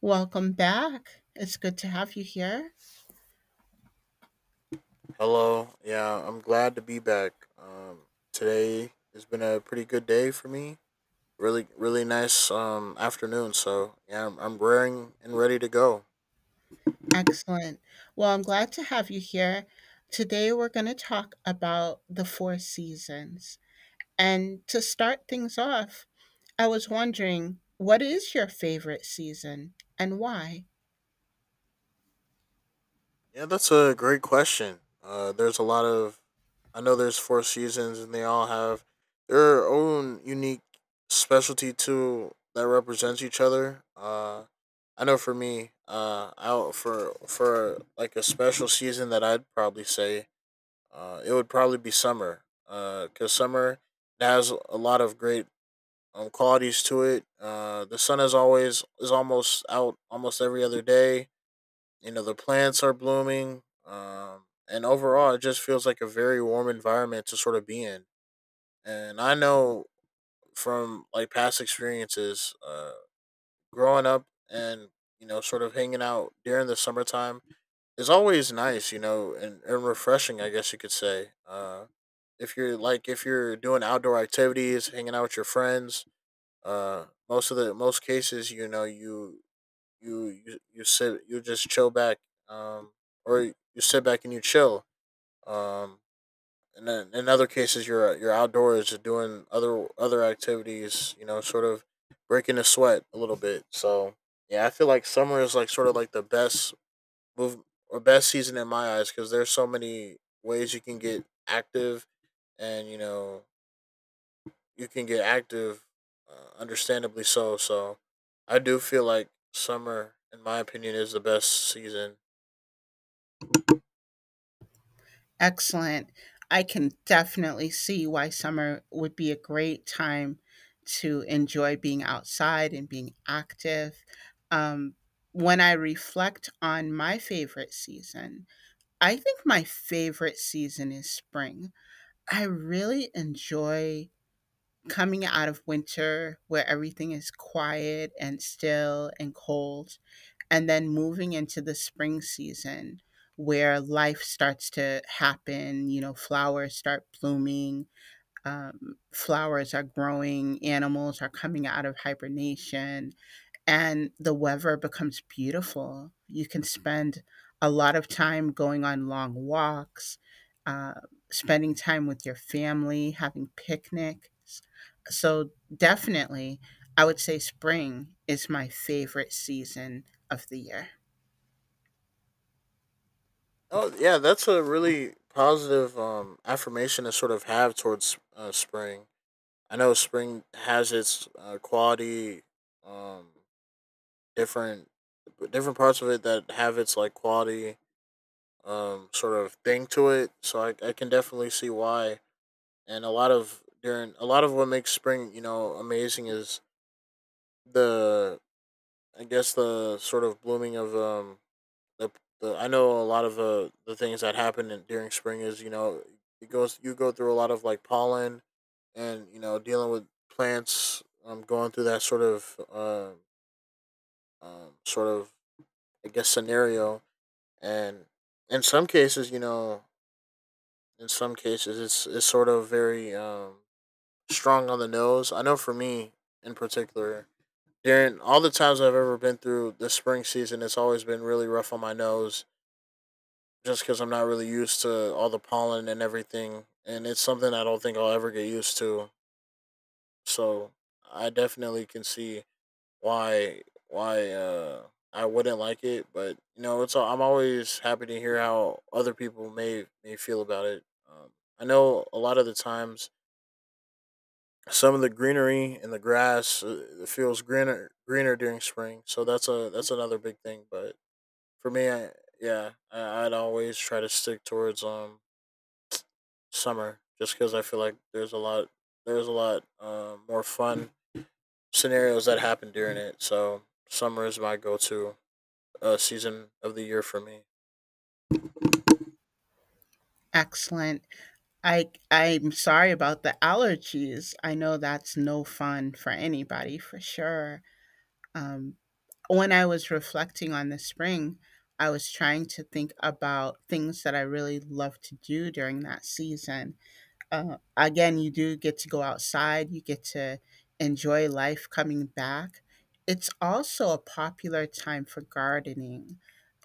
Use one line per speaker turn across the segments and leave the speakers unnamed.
Welcome back. It's good to have you here.
Hello. Yeah, I'm glad to be back. Today has been a pretty good day for me. Really, really nice afternoon. So yeah, I'm raring and ready to go.
Excellent. Well, I'm glad to have you here. Today, we're going to talk about the four seasons. And to start things off, I was wondering what is your favorite season and why?
Yeah, that's a great question. There's a lot of, I know there's four seasons and they all have their own unique specialty too that represents each other. I know for me, out for like a special season that I'd probably say it would probably be summer, because summer has a lot of great qualities to it. The sun is always is almost out almost every other day. You know the plants are blooming, and overall, it just feels like a very warm environment to sort of be in. And I know from like past experiences, growing up and you know sort of hanging out during the summertime is always nice, you know, and refreshing, I guess you could say. If you're like if you're doing outdoor activities, hanging out with your friends, most of the most cases, you know, you just chill back, um, or you sit back and you chill. Um, and then in other cases, you're outdoors just doing other activities, you know, sort of breaking the sweat a little bit. So yeah, I feel like summer is like sort of like the best move a best season in my eyes because there's so many ways you can get active, and you know you can get active, understandably so. So I do feel like summer, in my opinion, is the best season.
Excellent. I can definitely see why summer would be a great time to enjoy being outside and being active. Um, when I reflect on my favorite season, I think my favorite season is spring. I really enjoy coming out of winter where everything is quiet and still and cold, and then moving into the spring season where life starts to happen. You know, flowers start blooming, flowers are growing, animals are coming out of hibernation, and the weather becomes beautiful. You can spend a lot of time going on long walks, uh, spending time with your family, having picnics. So, definitely, I would say spring is my favorite season of the year.
Oh yeah, that's a really positive affirmation to sort of have towards spring. I know spring has its quality, um, different different parts of it that have its like quality sort of thing to it. So I can definitely see why. And a lot of what makes spring, you know, amazing is the I guess the sort of blooming of the, the I know a lot of the things that happen during spring is you know it goes you go through a lot of like pollen and you know dealing with plants going through that sort of I guess scenario and in some cases you know in some cases it's sort of very strong on the nose. I know for me in particular, during all the times I've ever been through the spring season, it's always been really rough on my nose just because I'm not really used to all the pollen and everything. And it's something I don't think I'll ever get used to. So I definitely can see why why uh, I wouldn't like it. But you know, I'm always happy to hear how other people may feel about it. Um, I know a lot of the times some of the greenery and the grass it feels greener during spring, so that's a that's another big thing. But for me yeah I'd always try to stick towards summer just because I feel like there's a lot more fun scenarios that happen during it. So summer is my go-to season of the year for me.
Excellent. I'm sorry about the allergies. I know that's no fun for anybody for sure. Um, when I was reflecting on the spring, I was trying to think about things that I really love to do during that season. Again, you do get to go outside, you get to enjoy life coming back. It's also a popular time for gardening.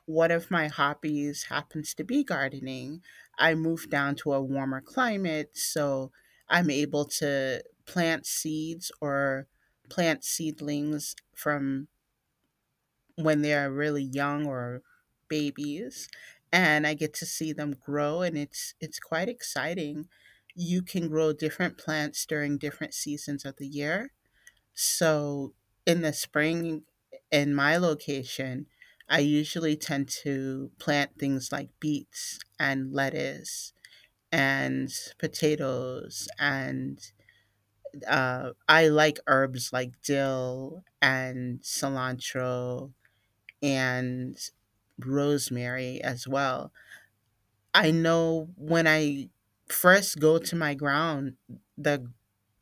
One of my hobbies happens to be gardening. I moved down to a warmer climate, so I'm able to plant seeds or plant seedlings from when they're really young or babies, and I get to see them grow, and it's quite exciting. You can grow different plants during different seasons of the year. So in the spring in my location, I usually tend to plant things like beets and lettuce and potatoes and, I like herbs like dill and cilantro and rosemary as well. I know when I first go to my ground, the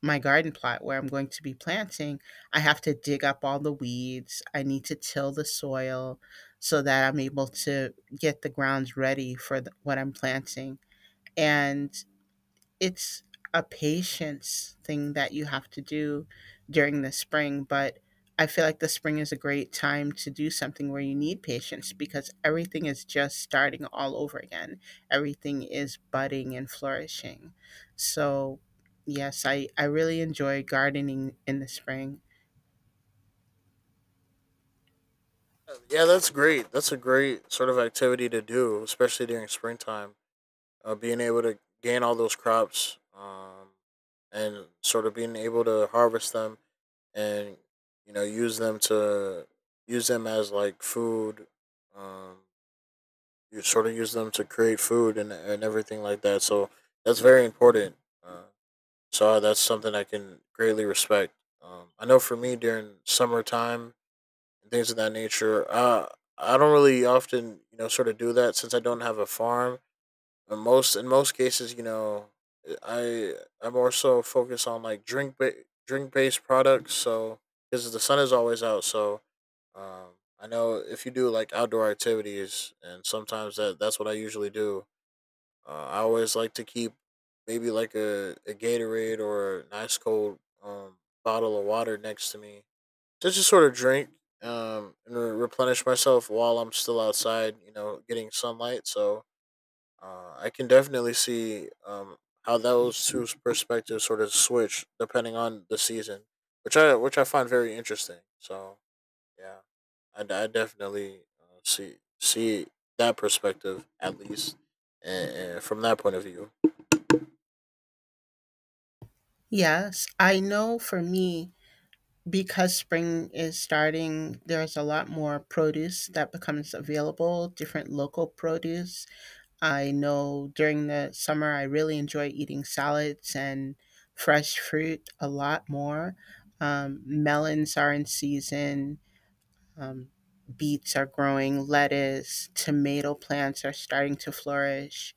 my garden plot where I'm going to be planting, I have to dig up all the weeds. I need to till the soil so that I'm able to get the grounds ready for what I'm planting. And it's a patience thing that you have to do during the spring, but I feel like the spring is a great time to do something where you need patience because everything is just starting all over again. Everything is budding and flourishing. So, yes, I really enjoy gardening in the spring.
Yeah that's great, that's a great sort of activity to do, especially during springtime, being able to gain all those crops, and sort of being able to harvest them and you know use them as like food, um, you sort of use them to create food and everything like that, so that's very important. uh, that's something I can greatly respect. I know for me during summertime and things of that nature, I don't really often you know sort of do that since I don't have a farm. In most cases, you know, I I more so focus on like drink based products. So because the sun is always out, so I know if you do like outdoor activities, and sometimes that's what I usually do. I always like to keep maybe like a Gatorade or a nice cold bottle of water next to me to just to sort of drink, and replenish myself while I'm still outside, you know, getting sunlight. So I can definitely see how those two perspectives sort of switch depending on the season, which I find very interesting. So yeah, I definitely see that perspective, at least, and from that point of view.
Yes, I know for me, because spring is starting, there's a lot more produce that becomes available, different local produce. I know during the summer, I really enjoy eating salads and fresh fruit a lot more. Melons are in season, um, beets are growing, lettuce, tomato plants are starting to flourish.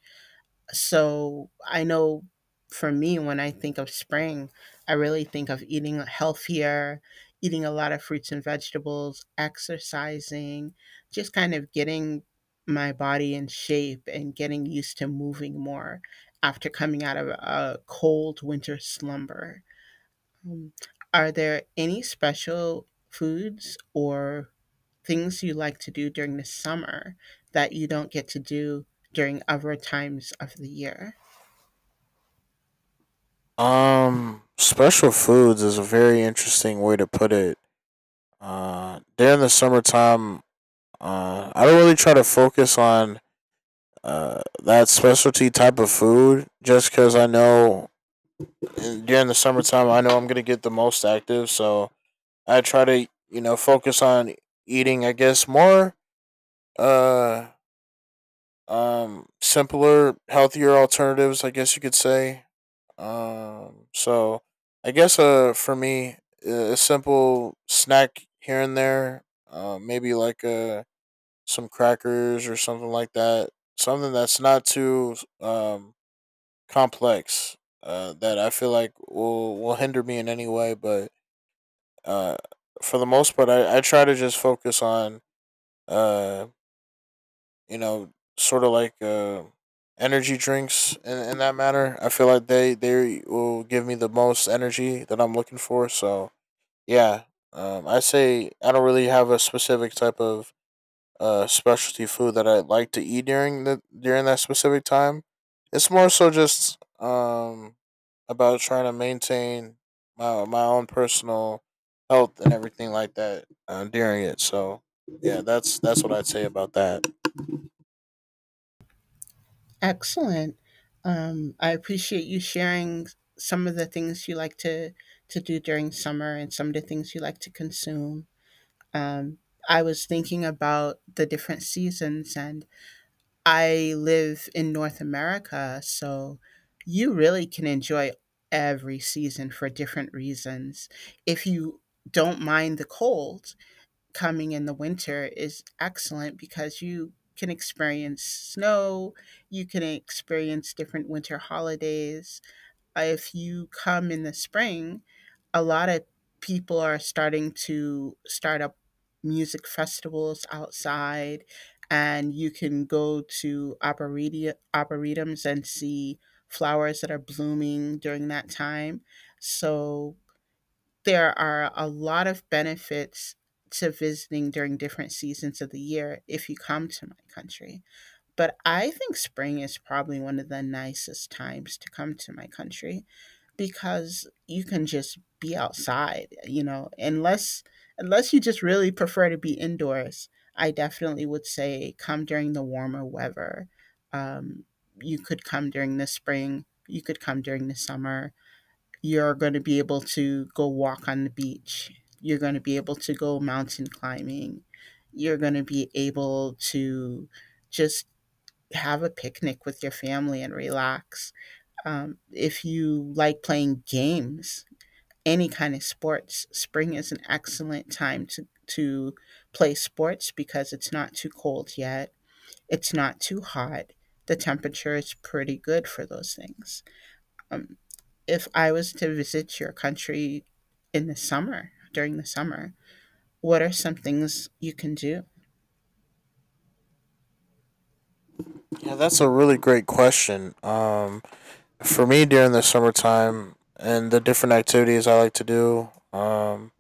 So I know for me, when I think of spring, I really think of eating healthier, eating a lot of fruits and vegetables, exercising, just kind of getting my body in shape and getting used to moving more after coming out of a cold winter slumber. Um, are there any special foods or things you like to do during the summer that you don't get to do during other times of the year?
Special foods is a very interesting way to put it. During the summertime, I don't really try to focus on that specialty type of food just because I know, and during the summertime, I know I'm gonna get the most active, so I try to you know focus on eating. I guess more uh simpler, healthier alternatives, I guess you could say. So I guess for me, a simple snack here and there, maybe like some crackers or something like that. Something that's not too complex. That I feel like will hinder me in any way. But uh, for the most part, I try to just focus on, uh, you know, sort of like energy drinks in that matter. I feel like they will give me the most energy that I'm looking for. So, yeah, I say I don't really have a specific type of specialty food that I like to eat during the during that specific time. It's more so just about trying to maintain my own personal health and everything like that during it. So yeah, that's what I'd say about that.
Excellent. I appreciate you sharing some of the things you like to do during summer and some of the things you like to consume. Um, I was thinking about the different seasons, and I live in North America, so you really can enjoy every season for different reasons. If you don't mind the cold, coming in the winter is excellent because you can experience snow, you can experience different winter holidays. If you come in the spring, a lot of people are starting to start up music festivals outside, and you can go to arboretums and see flowers that are blooming during that time. So there are a lot of benefits to visiting during different seasons of the year if you come to my country. But I think spring is probably one of the nicest times to come to my country because you can just be outside, you know, unless you just really prefer to be indoors. I definitely would say come during the warmer weather. Um, you could come during the spring. You could come during the summer. You're going to be able to go walk on the beach. You're going to be able to go mountain climbing. You're going to be able to just have a picnic with your family and relax. If you like playing games, any kind of sports, spring is an excellent time to play sports because it's not too cold yet, it's not too hot. The temperature is pretty good for those things. Um, if I was to visit your country in the summer, during the summer, what are some things you can do?
Yeah, that's a really great question. For me during the summertime and the different activities I like to do. Um,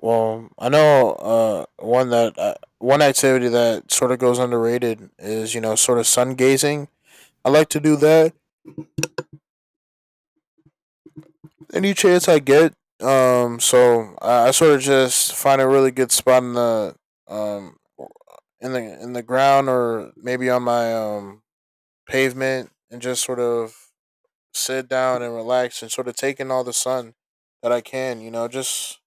Well, I know one activity that sort of goes underrated is you know sort of sun gazing. I like to do that any chance I get. So I sort of just find a really good spot in the um in the ground, or maybe on my pavement, and just sort of sit down and relax and sort of take in all the sun that I can. You know, just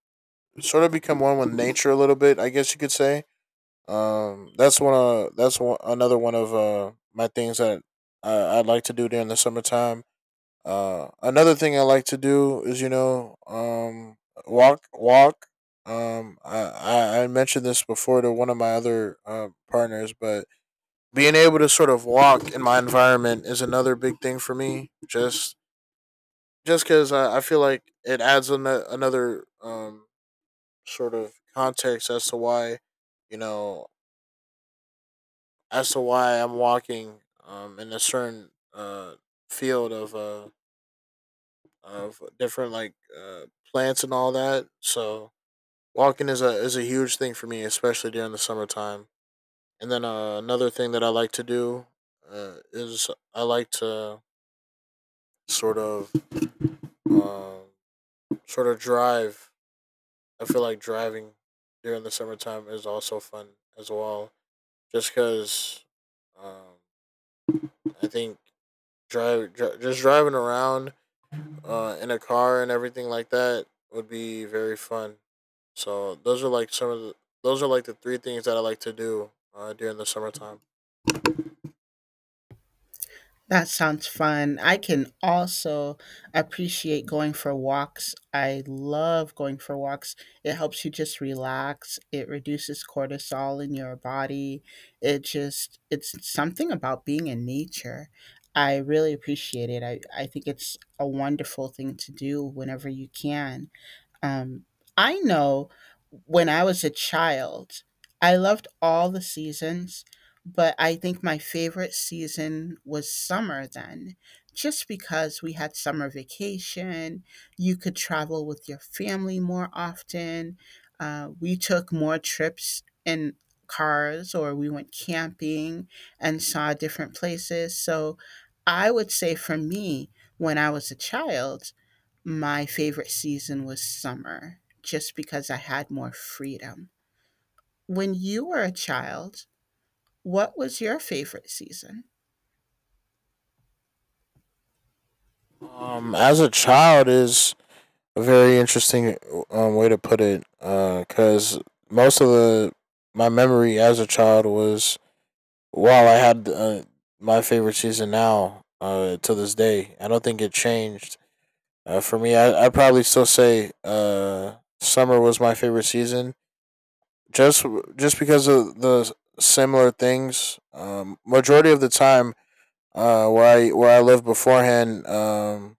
sort of become one with nature a little bit, I guess you could say. That's one another one of my things that I'd like to do during the summertime. Another thing I like to do is you know walk. I mentioned this before to one of my other partners, but being able to sort of walk in my environment is another big thing for me. Just because I feel like it adds another sort of context as to why you know as to why I'm walking in a certain field of different like plants and all that. So walking is a huge thing for me, especially during the summertime. And then another thing that I like to do, is I like to sort of um, sort of drive. I feel like driving during the summertime is also fun as well, just because um, I think just driving around in a car and everything like that would be very fun. So those are like some of the, those are like the three things that I like to do during the summertime.
That sounds fun. I can also appreciate going for walks. I love going for walks. It helps you just relax. It reduces cortisol in your body. It just, it's something about being in nature. I really appreciate it. I think it's a wonderful thing to do whenever you can. Um, I know when I was a child, I loved all the seasons, but I think my favorite season was summer then, just because we had summer vacation. You could travel with your family more often. We took more trips in cars or we went camping and saw different places. So I would say for me, when I was a child, my favorite season was summer just because I had more freedom. When you were a child, what was your favorite season?
As a child is a very interesting way to put it, because most of the my memory as a child was while I had my favorite season now, to this day, I don't think it changed. For me, I probably still say summer was my favorite season, just just because of the similar things. Majority of the time, where I lived beforehand,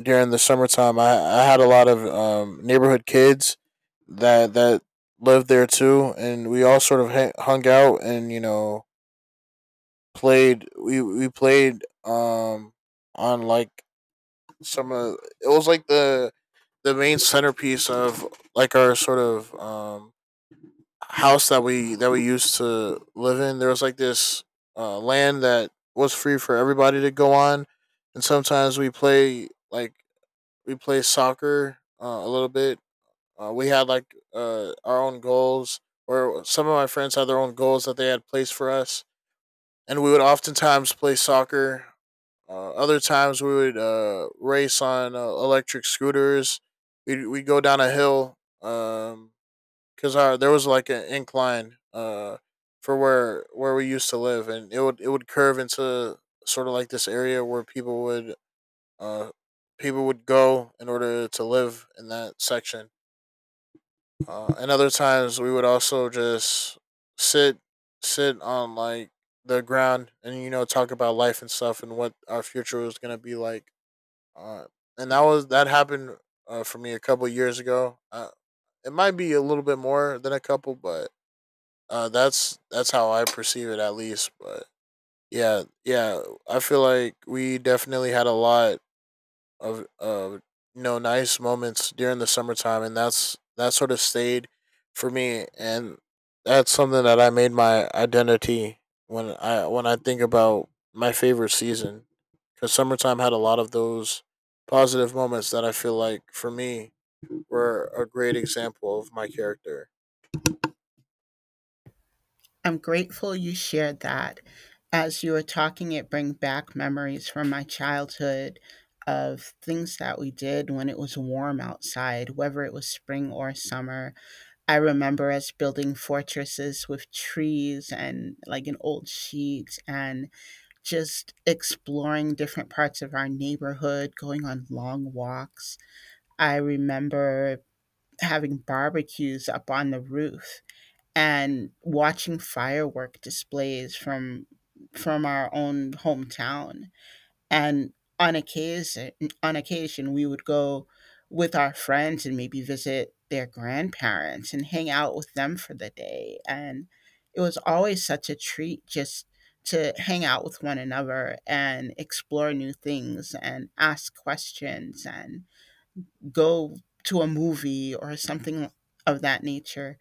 during the summertime, I had a lot of neighborhood kids that lived there too, and we all sort of hung out and you know played. We played on like some of it was like the main centerpiece of like our sort of house that we used to live in, there was like this land that was free for everybody to go on, and sometimes we play soccer a little bit. We had like our own goals, or some of my friends had their own goals that they had placed for us, and we would oftentimes play soccer. Other times we would race on electric scooters. We go down a hill. Um, because our there was like an incline for where we used to live, and it would curve into sort of like this area where uh people would go in order to live in that section. And other times we would also just sit sit on like the ground and you know talk about life and stuff and what our future was gonna be like. Uh, and that was that happened for me a couple years ago. It might be a little bit more than a couple, but that's how I perceive it, at least. But yeah, yeah, I feel like we definitely had a lot of you know nice moments during the summertime, and that's that sort of stayed for me, and that's something that I made my identity when I think about my favorite season because summertime had a lot of those positive moments that I feel like for me were a great example of my character.
I'm grateful you shared that. As you were talking, it bring back memories from my childhood of things that we did when it was warm outside, whether it was spring or summer. I remember us building fortresses with trees and like an old sheet and just exploring different parts of our neighborhood, going on long walks. I remember having barbecues up on the roof and watching firework displays from our own hometown, and on occasion on occasion we would go with our friends and maybe visit their grandparents and hang out with them for the day. And it was always such a treat just to hang out with one another and explore new things and ask questions and go to a movie or something of that nature.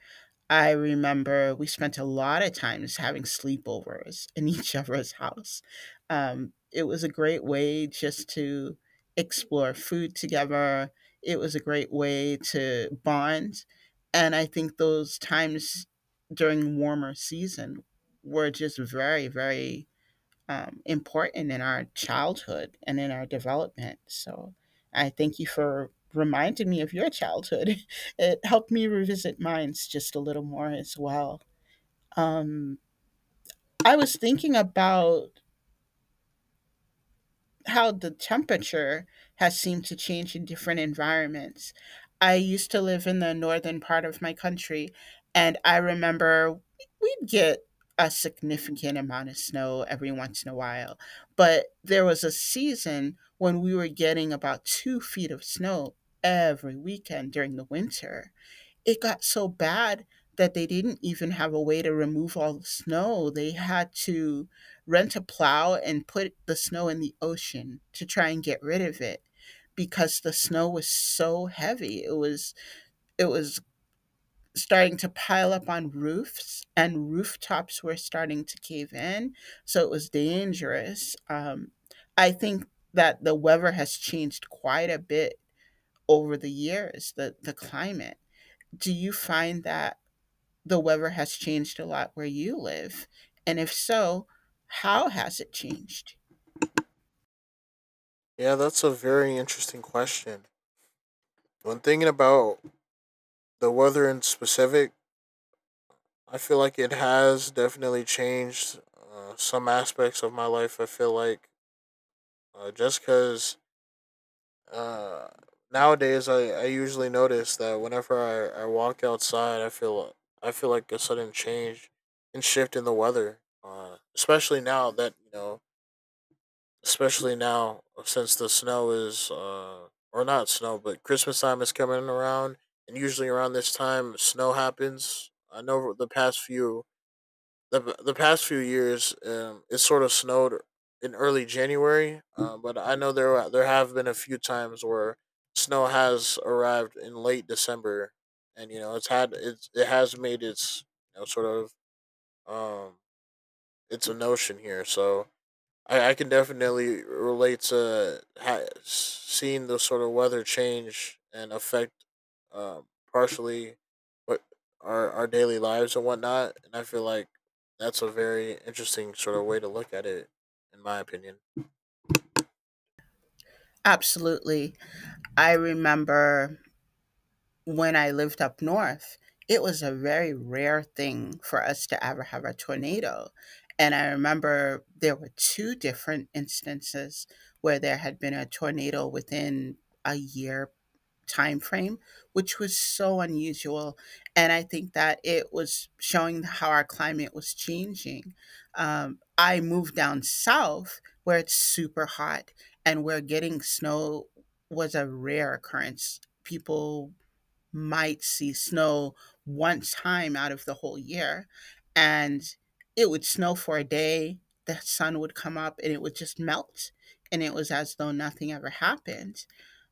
I remember we spent a lot of times having sleepovers in each other's house. It was a great way just to explore food together. It was a great way to bond. And I think those times during warmer season were just very, very important in our childhood and in our development. So I thank you for reminding me of your childhood. It helped me revisit mine just a little more as well. Um, I was thinking about how the temperature has seemed to change in different environments. I used to live in the northern part of my country, and I remember we'd get a significant amount of snow every once in a while. But there was a season when we were getting about 2 feet of snow every weekend during the winter. It got so bad that they didn't even have a way to remove all the snow. They had to rent a plow and put the snow in the ocean to try and get rid of it because the snow was so heavy. It was starting to pile up on roofs, and rooftops were starting to cave in, so it was dangerous. I think that the weather has changed quite a bit over the years, the climate. Do you find that the weather has changed a lot where you live? And if so, how has it changed?
Yeah, that's a very interesting question. When thinking about the weather in specific, I feel like it has definitely changed some aspects of my life. I feel like just because uh, nowadays I usually notice that whenever I walk outside, I feel like a sudden change and shift in the weather. Especially now that you know especially now since the snow is or not snow but Christmas time is coming around, and usually around this time snow happens. I know the past few the past few years, it sort of snowed in early January, but I know there have been a few times where snow has arrived in late December, and you know it has made its you know sort of um it's a notion here. So I can definitely relate to seeing the sort of weather change and affect, um, partially, what our daily lives and whatnot. And I feel like that's a very interesting sort of way to look at it, in my opinion.
Absolutely. I remember when I lived up north, it was a very rare thing for us to ever have a tornado. And I remember there were two different instances where there had been a tornado within a year time frame, which was so unusual. And I think that it was showing how our climate was changing. Um, I moved down south where it's super hot and where getting snow was a rare occurrence. People might see snow one time out of the whole year. And it would snow for a day, the sun would come up, and it would just melt. And it was as though nothing ever happened.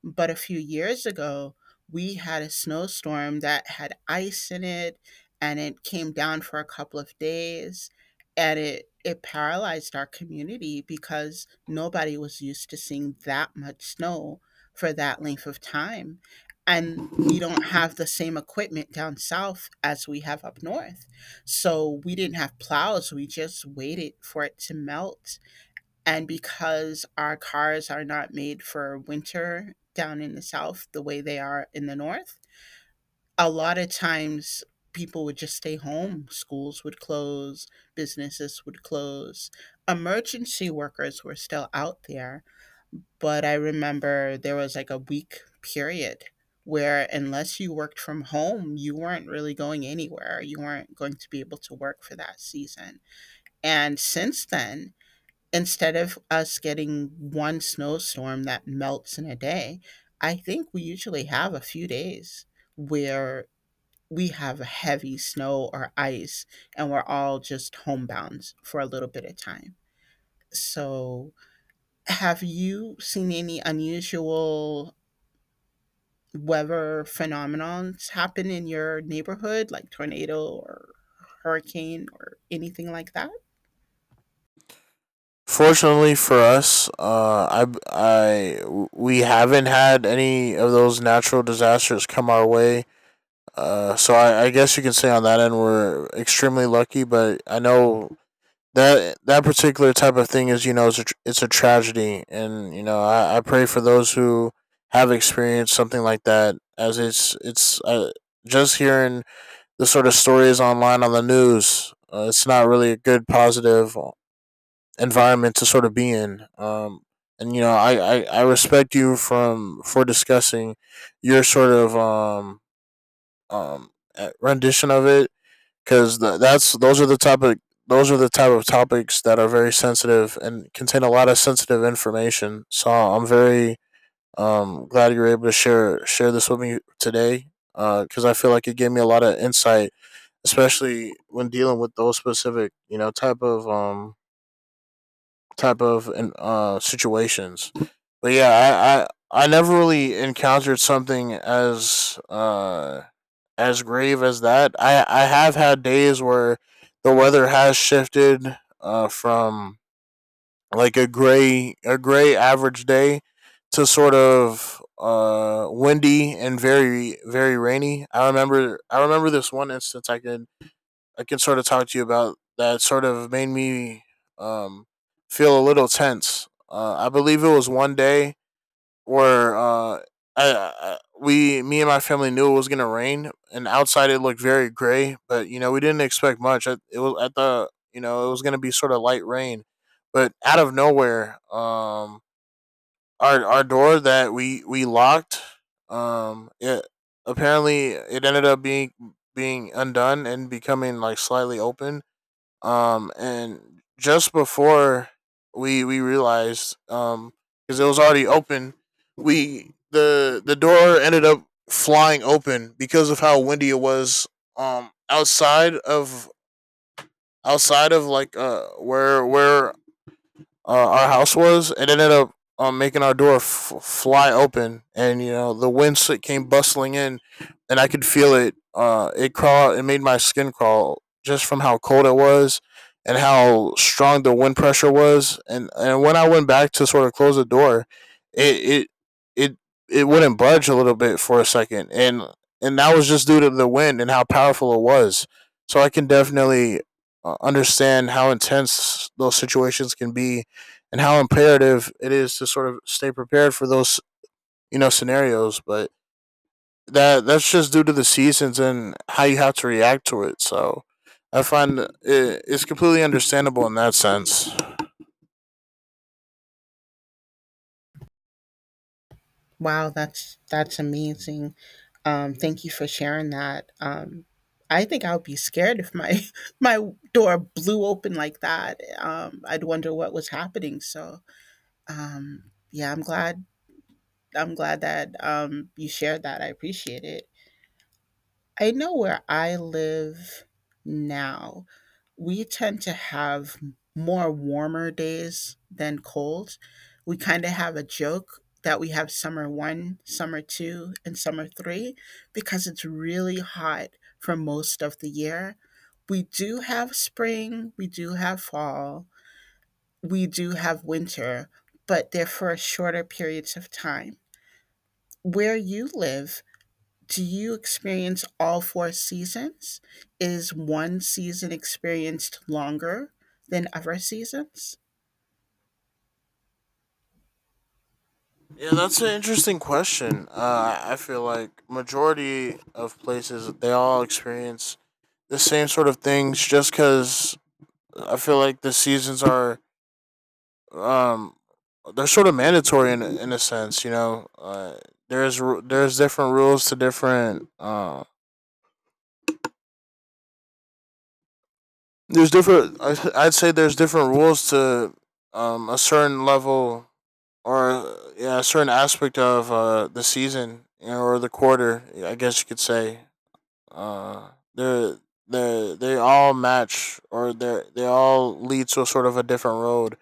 But a few years ago, we had a snowstorm that had ice in it, and it came down for a couple of days, and it paralyzed our community because nobody was used to seeing that much snow for that length of time. And we don't have the same equipment down south as we have up north. So we didn't have plows, we just waited for it to melt. And because our cars are not made for winter down in the south the way they are in the north, a lot of times people would just stay home. Schools would close, businesses would close. Emergency workers were still out there, but I remember there was like a week period where, unless you worked from home, you weren't really going anywhere. You weren't going to be able to work for that season. And since then, instead of us getting one snowstorm that melts in a day, I think we usually have a few days where we have heavy snow or ice and we're all just homebound for a little bit of time. So, have you seen any unusual weather phenomenons happen in your neighborhood, like tornado or hurricane or anything like that?
Fortunately for us, we haven't had any of those natural disasters come our way. So I guess you can say on that end we're extremely lucky. But I know that that particular type of thing is you know it's it's a tragedy, and you know I pray for those who have experienced something like that, as it's just hearing the sort of stories online on the news. It's not really a good positive environment to sort of be in. And you know I respect you from for discussing your sort of um rendition of it, because that's those are the type of topics that are very sensitive and contain a lot of sensitive information. So I'm very glad you were able to share this with me today, because I feel like it gave me a lot of insight, especially when dealing with those specific you know type of situations. But yeah, I never really encountered something as grave as that. I have had days where the weather has shifted from like a gray average day to sort of windy and very very rainy. I remember this one instance I can sort of talk to you about that sort of made me um, feel a little tense. I believe it was one day where me and my family knew it was gonna rain, and outside it looked very gray. But you know, we didn't expect much. It was at the, you know, it was gonna be sort of light rain, but out of nowhere, our door that we locked, it apparently it ended up being undone and becoming like slightly open, and just before we realized, because it was already open, we the door ended up flying open because of how windy it was um outside of outside of like where our house was. It ended up making our door fly open, and you know the wind came bustling in, and I could feel it. It crawl. It made my skin crawl just from how cold it was, and how strong the wind pressure was. And when I went back to sort of close the door, it it it wouldn't budge a little bit for a second, and that was just due to the wind and how powerful it was. So I can definitely understand how intense those situations can be and how imperative it is to sort of stay prepared for those you know scenarios. But that's just due to the seasons and how you have to react to it. So I find it's completely understandable in that sense.
Wow, that's amazing. Thank you for sharing that. I think I would be scared if my my door blew open like that. I'd wonder what was happening. So yeah, I'm glad that you shared that. I appreciate it. I know where I live now we tend to have more warmer days than cold. We kind of have a joke that we have summer one, summer two, and summer three because it's really hot for most of the year. We do have spring, we do have fall, we do have winter, but they're for shorter periods of time. Where you live do you experience all four seasons? Is one season experienced longer than other seasons?
Yeah, that's an interesting question. I feel like majority of places they all experience the same sort of things just because I feel like the seasons are um they're sort of mandatory in a sense, you know. There's different rules to different. There's different. I- I'd say there's different rules to a certain level or yeah, a certain aspect of the season, you know, or the quarter. I guess you could say. They're they all match, or they all lead to a sort of a different road.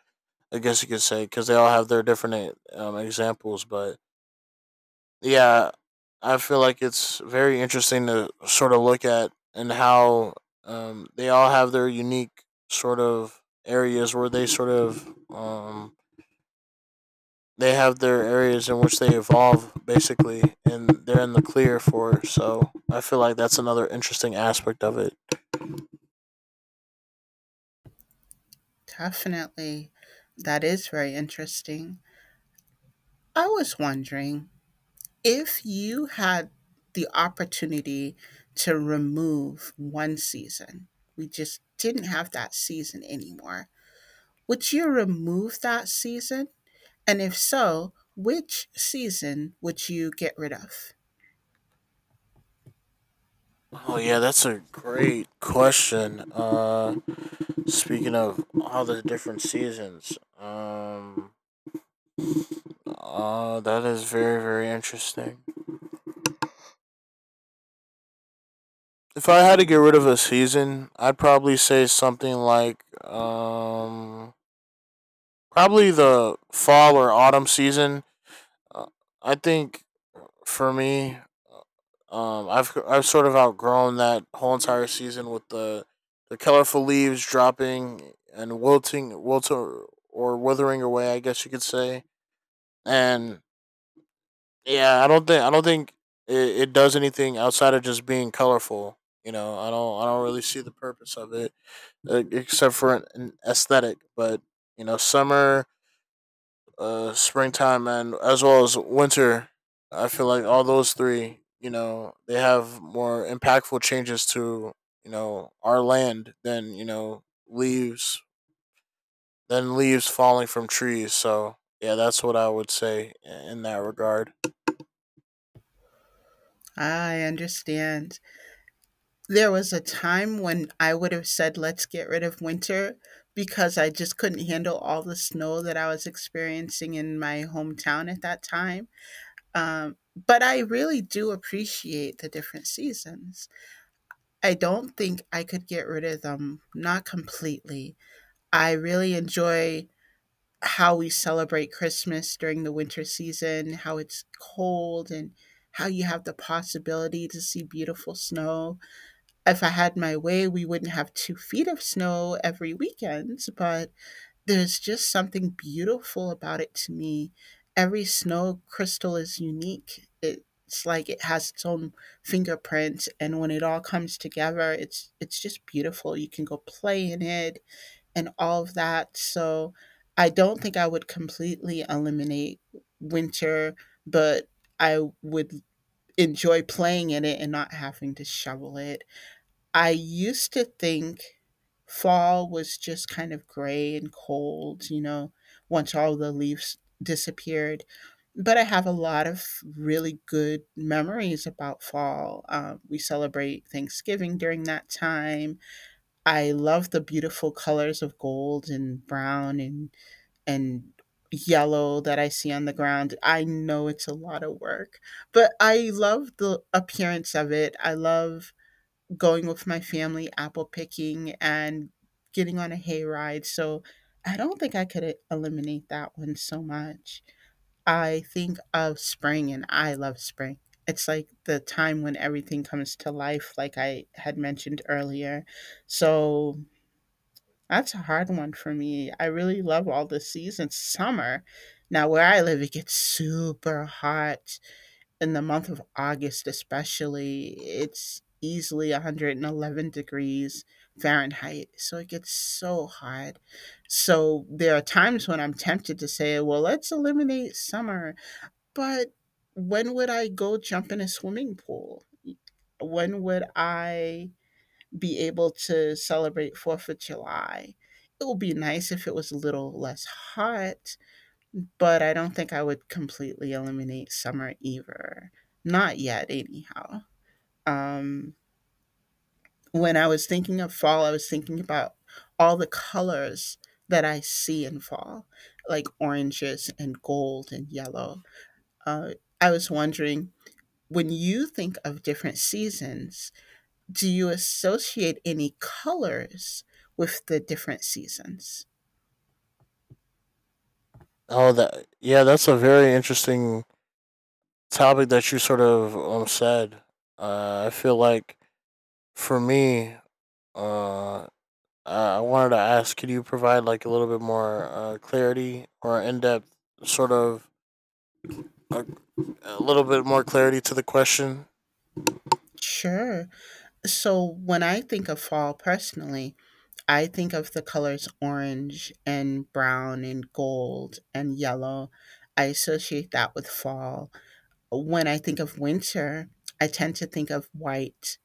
I guess you could say because they all have their different examples, but yeah, I feel like it's very interesting to sort of look at, and how they all have their unique sort of areas where they sort of they have their areas in which they evolve basically, and they're in the clear for. So I feel like that's another interesting aspect of it.
Definitely. That is very interesting. I was wondering if you had the opportunity to remove one season, we just didn't have that season anymore. Would you remove that season? And if so, which season would you get rid of?
Oh yeah, that's a great question. Speaking of all the different seasons, that is very, very interesting. If I had to get rid of a season, I'd probably say something like, probably the fall or autumn season. Uh, I think for me, I've sort of outgrown that whole entire season with the colorful leaves dropping and wilting or withering away. I guess you could say, and yeah, I don't think it does anything outside of just being colorful. You know, I don't really see the purpose of it, except for an aesthetic. But you know, summer, springtime, and as well as winter, I feel like all those three, you know, they have more impactful changes to you know our land than you know leaves falling from trees. So yeah, that's what I would say in that regard.
I understand. There was a time when I would have said, let's get rid of winter because I just couldn't handle all the snow that I was experiencing in my hometown at that time. But I really do appreciate the different seasons. I don't think I could get rid of them, not completely. I really enjoy how we celebrate Christmas during the winter season, how it's cold and how you have the possibility to see beautiful snow if I had my way, we wouldn't have 2 feet of snow every weekend, but there's just something beautiful about it to me. Every snow crystal is unique. It's like it has its own fingerprint and when it all comes together, it's just beautiful. You can go play in it and all of that. So I don't think I would completely eliminate winter, but I would enjoy playing in it and not having to shovel it I used to think fall was just kind of gray and cold, you know, once all the leaves disappeared. But I have a lot of really good memories about fall. We celebrate Thanksgiving during that time. I love the beautiful colors of gold and brown and yellow that I see on the ground. I know it's a lot of work, but I love the appearance of it. I love going with my family apple picking and getting on a hayride. So I don't think I could eliminate that one so much. I think of spring and I love spring. It's like the time when everything comes to life, like I had mentioned earlier. So that's a hard one for me. I really love all the seasons. Summer, now where I live, it gets super hot in the month of August, especially, it's easily 111 degrees Fahrenheit. So it gets so hot. So there are times when I'm tempted to say, well, let's eliminate summer. But when would I go jump in a swimming pool? When would I be able to celebrate 4th of July? It would be nice if it was a little less hot but I don't think I would completely eliminate summer either. Not yet, anyhow. Um, when I was thinking of fall, I was thinking about all the colors that I see in fall, like oranges and gold and yellow. Uh, I was wondering when you think of different seasons, do you associate any colors with the different seasons?
Oh, that yeah, that's a very interesting topic that you sort of said. I feel like for me, uh, I I wanted to ask, could you provide like a little bit more clarity or in depth sort of a, a little bit more clarity to the question?
Sure. So when I think of fall personally, I think of the colors orange and brown and gold and yellow. I associate that with fall. When I think of winter, I tend to think of white.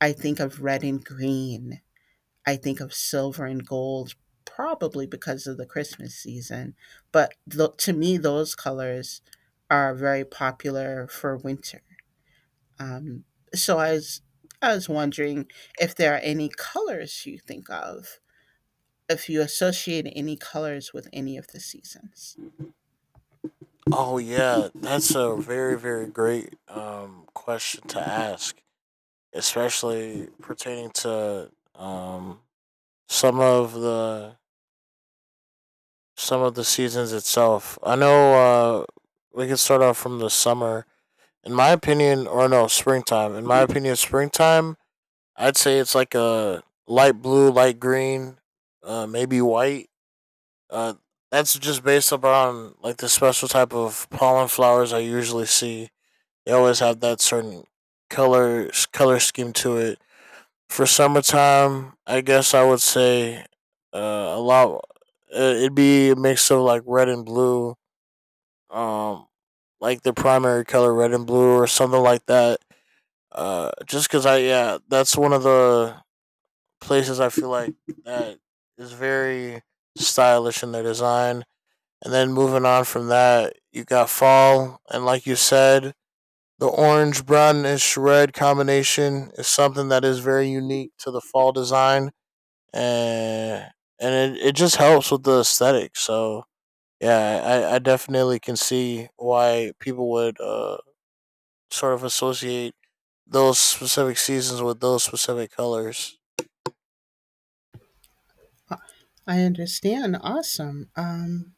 I think of red and green. I think of silver and gold, probably because of the Christmas season. But to me, those colors are very popular for winter. Um, so I was wondering if there are any colors you think of if you associate any colors with any of the seasons.
Oh yeah, that's a very very great question to ask, especially pertaining to some of the some of the seasons itself. I know we can start off from the summer. In my opinion, or no, springtime. In my opinion, springtime, I'd say it's like a light blue, light green, maybe white. Uh, that's just based upon like the special type of pollen flowers I usually see. They always have that certain color scheme to it. For summertime, I guess I would say a lot. It'd be a mix of like red and blue, um, like the primary color red and blue or something like that. Just because I, yeah, that's one of the places I feel like that is very stylish in their design. And then moving on from that, you got fall, and like you said, the orange brownish red combination is something that is very unique to the fall design, and it just helps with the aesthetic. So yeah, I definitely can see why people would sort of associate those specific seasons with those specific colors.
I understand. Awesome.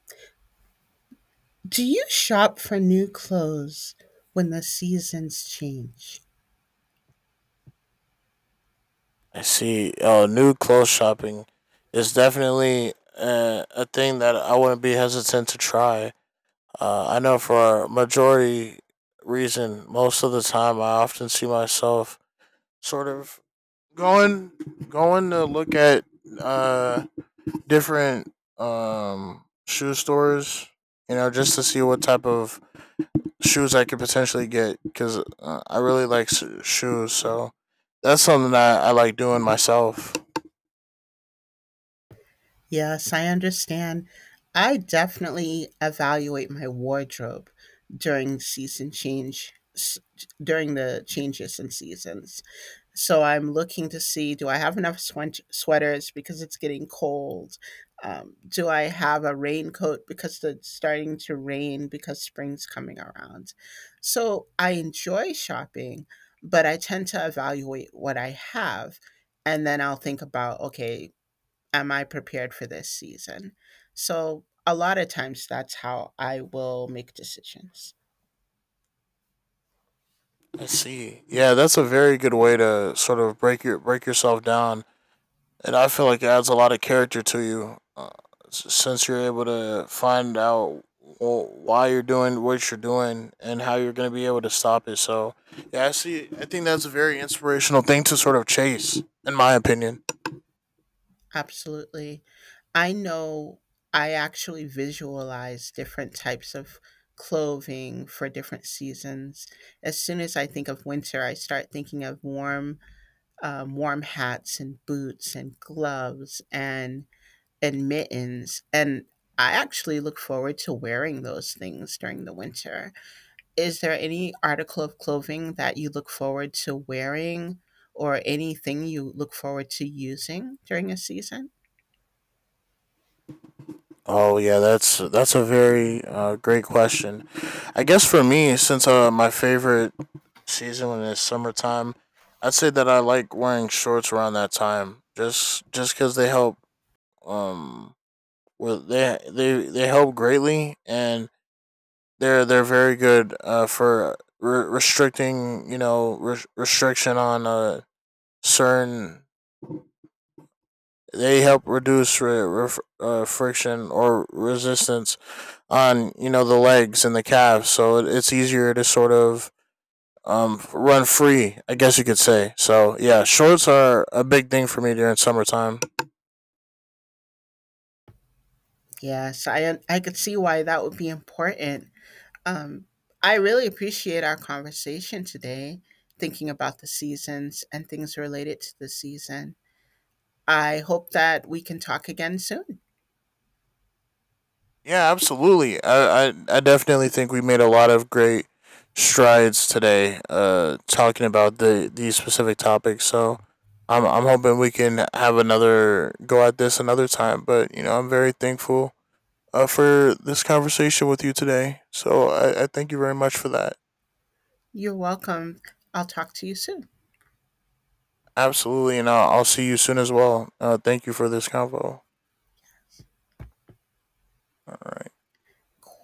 Do you shop for new clothes when the seasons change?
I see. Oh, new clothes shopping is definitely a thing that I wouldn't be hesitant to try. I know for a majority reason, most of the time, I often see myself sort of going going to look at uh, different shoe stores, you know, just to see what type of shoes I could potentially get because I really like shoes. So that's something that I like doing myself.
Yes, I understand. I definitely evaluate my wardrobe during season change, during the changes in seasons. So I'm looking to see do I have enough sweaters because it's getting cold? Do I have a raincoat because it's starting to rain because spring's coming around? So I enjoy shopping, but I tend to evaluate what I have. And then I'll think about, okay, am I prepared for this season? So, a lot of times that's how I will make decisions.
I see. Yeah, that's a very good way to sort of break yourself down, and I feel like it adds a lot of character to you, since you're able to find out why you're doing what you're doing and how you're going to be able to stop it. So, yeah, I see. I think that's a very inspirational thing to sort of chase, in my opinion.
Absolutely. I know I actually visualize different types of clothing for different seasons. As soon as I think of winter, I start thinking of warm, warm hats and boots and gloves and mittens. And I actually look forward to wearing those things during the winter. Is there any article of clothing that you look forward to wearing or anything you look forward to using during a season?
Oh yeah, that's a very great question. I guess for me, since my favorite season is summertime, I'd say that I like wearing shorts around that time. Just because they help, um, well they they help greatly, and they're very good restricting you know restriction on certain. They help reduce friction or resistance on you know the legs and the calves, so it's easier to sort of run free, I guess you could say. So yeah, shorts are a big thing for me during summertime.
Yes, I could see why that would be important. Um, I really appreciate our conversation today, thinking about the seasons and things related to the season. I hope that we can talk again soon.
Yeah, absolutely. I definitely think we made a lot of great strides today, talking about these specific topics. So. I'm hoping we can have another go at this another time, but you know I'm very thankful for this conversation with you today. So I thank you very much for that.
You're welcome. I'll talk to you soon.
Absolutely, and I'll see you soon as well. Thank you for this convo. All right.
Cool.